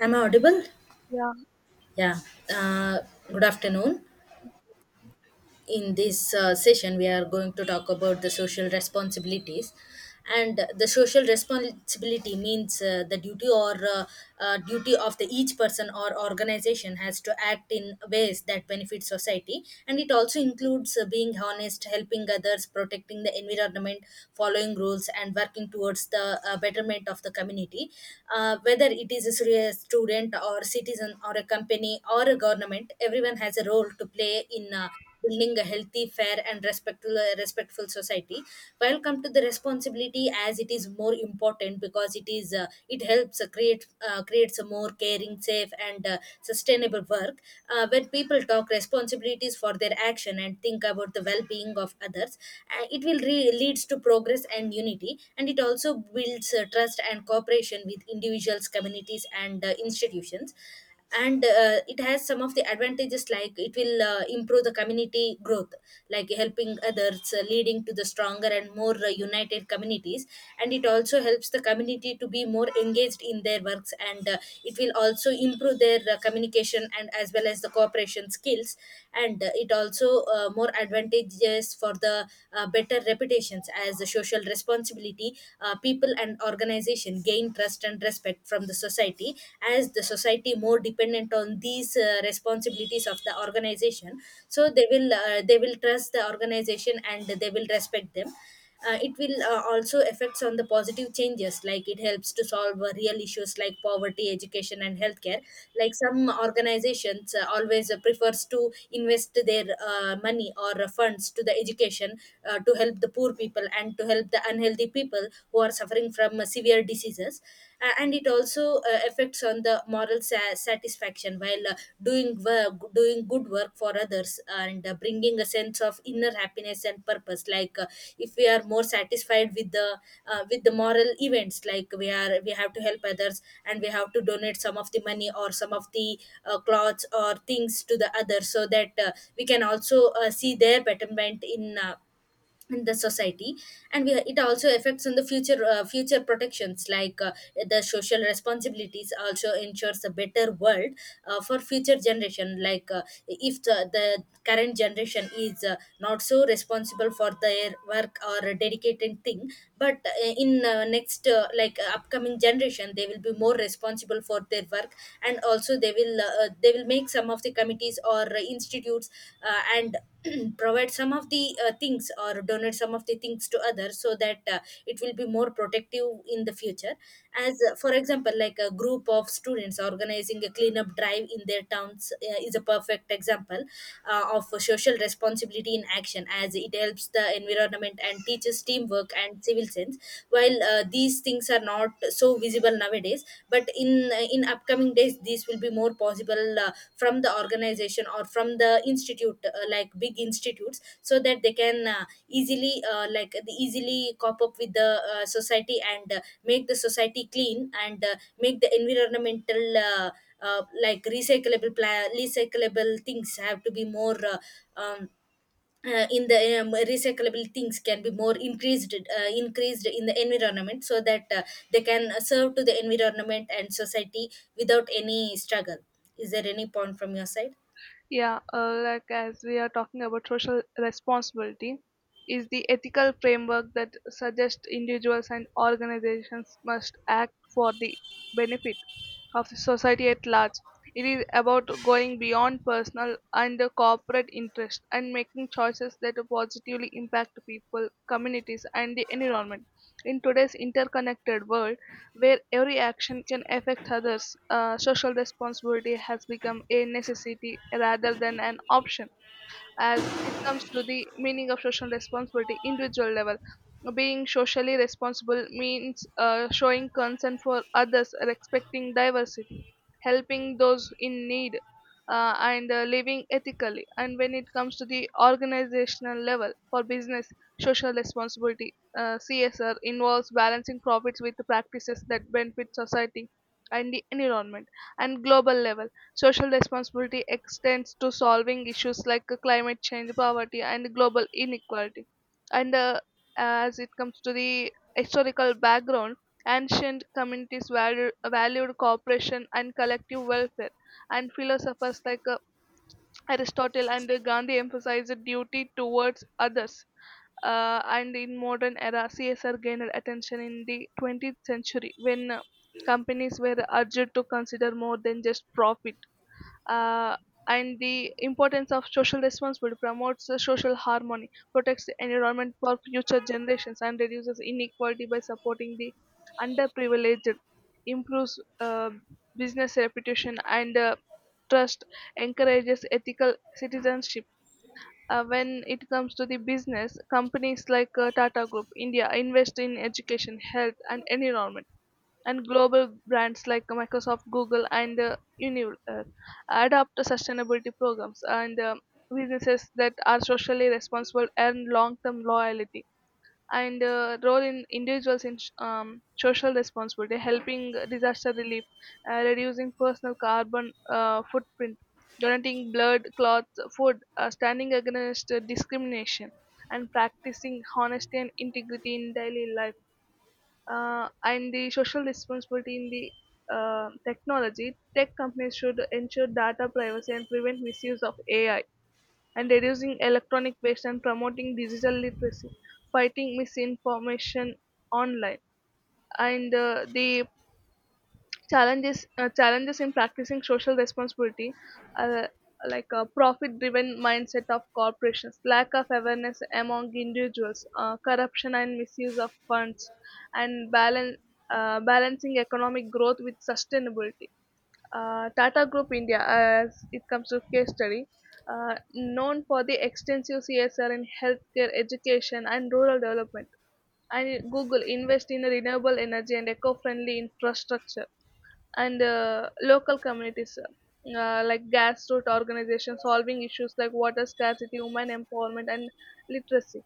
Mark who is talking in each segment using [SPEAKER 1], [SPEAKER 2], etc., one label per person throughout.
[SPEAKER 1] Am I audible?
[SPEAKER 2] Yeah,
[SPEAKER 1] Yeah. Uh, good afternoon, in this session we are going to talk about the social responsibilities, and the social responsibility means the duty or duty of the each person or organization has to act in ways that benefit society, and it also includes being honest, helping others, protecting the environment, following rules, and working towards the betterment of the community. Whether it is a student or citizen or a company or a government, everyone has a role to play in building a healthy, fair, and respectful respectful society. While come to the responsibility, as it is more important because it helps creates a more caring, safe, and sustainable work. When people talk responsibilities for their action and think about the well being of others, it will leads to progress and unity, and it also builds trust and cooperation with individuals, communities, and institutions, and it has some of the advantages, like it will improve the community growth, like helping others leading to the stronger and more united communities. And it also helps the community to be more engaged in their works, and it will also improve their communication and as well as the cooperation skills. And it also more advantages for the better reputations, as the social responsibility people and organization gain trust and respect from the society. As the society more dependent on these responsibilities of the organization, so they will trust the organization and they will respect them. It will also affects on the positive changes, like it helps to solve real issues like poverty, education, and healthcare. Like some organizations always prefers to invest their money or funds to the education, to help the poor people and to help the unhealthy people who are suffering from severe diseases. And it also affects on the moral satisfaction while doing work, doing good work for others and bringing a sense of inner happiness and purpose. Like if we are more satisfied with the moral events, like we have to help others and we have to donate some of the money or some of the clothes or things to the others, so that we can also see their betterment in the society. And it also affects on the future future protections. Like the social responsibilities also ensures a better world for future generation. Like if the current generation is not so responsible for their work or dedicated thing, but in next like upcoming generation, they will be more responsible for their work, and also they will make some of the committees or institutes, and provide some of the things or donate some of the things to others, so that it will be more protective in the future. As for example, like a group of students organizing a cleanup drive in their towns is a perfect example of social responsibility in action, as it helps the environment and teaches teamwork and civil sense. While these things are not so visible feasible nowadays, but in upcoming days this will be more possible from the organization or from the institute, like big institutes, so that they can easily like the easily cop up with the society and make the society clean, and make the environmental like recyclable pla- recyclable things have to be more um, in the recyclable things can be more increased increased in the environment, so that they can serve to the environment and society without any struggle. Is there any point from your side?
[SPEAKER 2] yeah. Like, as we are talking about social responsibility, is the ethical framework that suggests individuals and organizations must act for the benefit of the society at large. It is about going beyond personal and corporate interest and making choices that positively impact people, communities, and the environment. In today's interconnected world, where every action can affect others, social responsibility has become a necessity rather than an option. As it comes to the meaning of social responsibility, individual level: being socially responsible means showing concern for others, respecting diversity, helping those in need, and living ethically. And when it comes to the organizational level, for business, social responsibility, CSR, involves balancing profits with practices that benefit society and the environment. And global level: social responsibility extends to solving issues like climate change, poverty, and global inequality. And As it comes to the historical background, ancient communities valued cooperation and collective welfare. And philosophers like Aristotle and Gandhi emphasized the duty towards others. And in modern era, CSR gained attention in the 20th century, when companies were urged to consider more than just profit, uh, and the importance of social responsibility promotes the social harmony, protects the environment for future generations, and reduces inequality by supporting the underprivileged, improves business reputation and trust, encourages ethical citizenship. When it comes to the business, companies like Tata Group India invest in education, health, and environment, and global brands like Microsoft, Google, and Unilever adopt sustainability programs, and businesses that are socially responsible earn long-term loyalty. And role in individuals in social responsibility: helping disaster relief, reducing personal carbon footprint, donating blood, cloth, food, standing against discrimination, and practicing honesty and integrity in daily life. And the social responsibility in the technology: tech companies should ensure data privacy and prevent misuse of AI, and reducing electronic waste and promoting digital literacy, fighting misinformation online. And the challenges in practicing social responsibility are like a profit-driven mindset of corporations, lack of awareness among individuals, corruption and misuse of funds, and balance balancing economic growth with sustainability. Tata Group India, as it comes to case study, known for the extensive CSR in healthcare, education, and rural development. And Google invest in renewable energy and eco-friendly infrastructure, and local communities, like grassroots organizations solving issues like water scarcity, women empowerment, and literacy.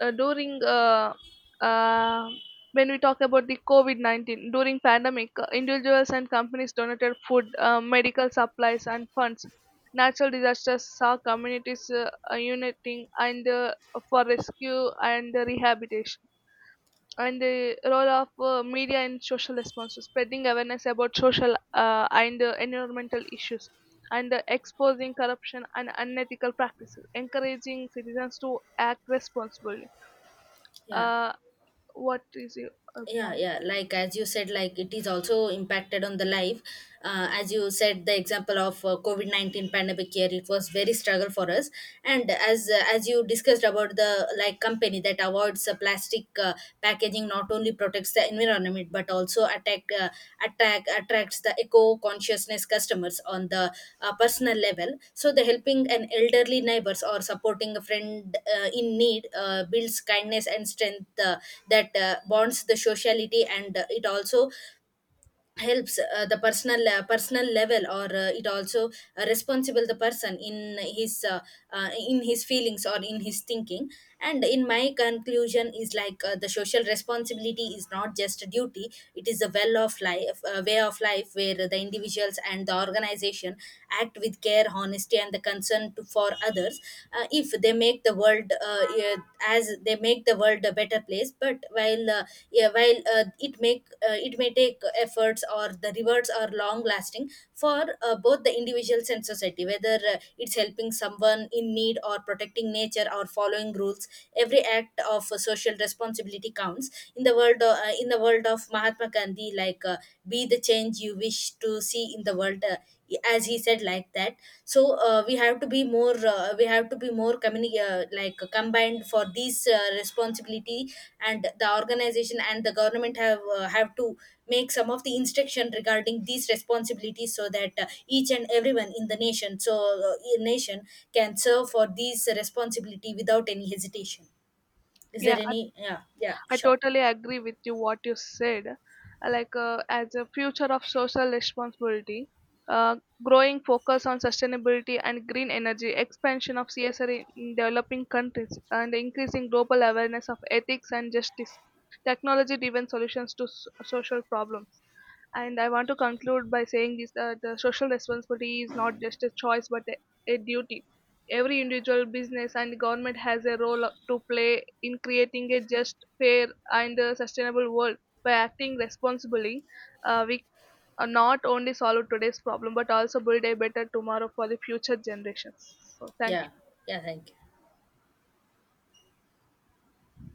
[SPEAKER 2] During uh, when we talk about the COVID 19 during pandemic, individuals and companies donated food, medical supplies, and funds. Natural disasters saw communities uniting and for rescue and rehabilitation, and the role of media in social response: spreading awareness about social and environmental issues, and exposing corruption and unethical practices, encouraging citizens to act responsibly.
[SPEAKER 1] Yeah.
[SPEAKER 2] uh, what is your
[SPEAKER 1] yeah
[SPEAKER 2] point?
[SPEAKER 1] yeah like as you said, like it is also impacted on the life. As you said, the example of COVID-19 pandemic year, it was very struggle for us. And as you discussed about the like company that avoids plastic packaging, not only protects the environment climate but also attack attack attracts the eco consciousness customers. On the personal level, so the helping an elderly neighbors or supporting a friend in need builds kindness and strength that bonds the sociality, and it also helps the personal level, or it also responsible the person in his feelings or in his thinking. And in my conclusion is, like the social responsibility is not just a duty, it is a well of life way of life, where the individuals and the organization act with care, honesty, and the concern for others. Uh, if they make the world world yeah, as they make the world a better place. But while yeah, while it make it may take efforts, or the rewards are long lasting for both the individuals and society, whether it's helping someone in need or protecting nature or following rules. Every act of social responsibility counts in the world. In the world of Mahatma Gandhi, like be the change you wish to see in the world, as he said like that. So we have to be more like combined for these responsibility. And the organization and the government have to make some of the instruction regarding these responsibilities, so that each and everyone in the nation, nation can serve for these responsibility without any hesitation. Is
[SPEAKER 2] Yeah,
[SPEAKER 1] there any... Yeah,
[SPEAKER 2] I
[SPEAKER 1] sure.
[SPEAKER 2] totally agree with you what you said. Like, as a future of social responsibility, uh, growing focus on sustainability and green energy, expansion of CSR in developing countries, and increasing global awareness of ethics and justice, technology-driven solutions to social problems. And I want to conclude by saying this: that the social responsibility is not just a choice but a duty. Every individual, business, and government has a role to play in creating a just, fair, and sustainable world. By acting responsibly, we, not only solve today's problem but also build a better tomorrow for the future generations. So thank
[SPEAKER 1] Yeah. Yeah, thank you.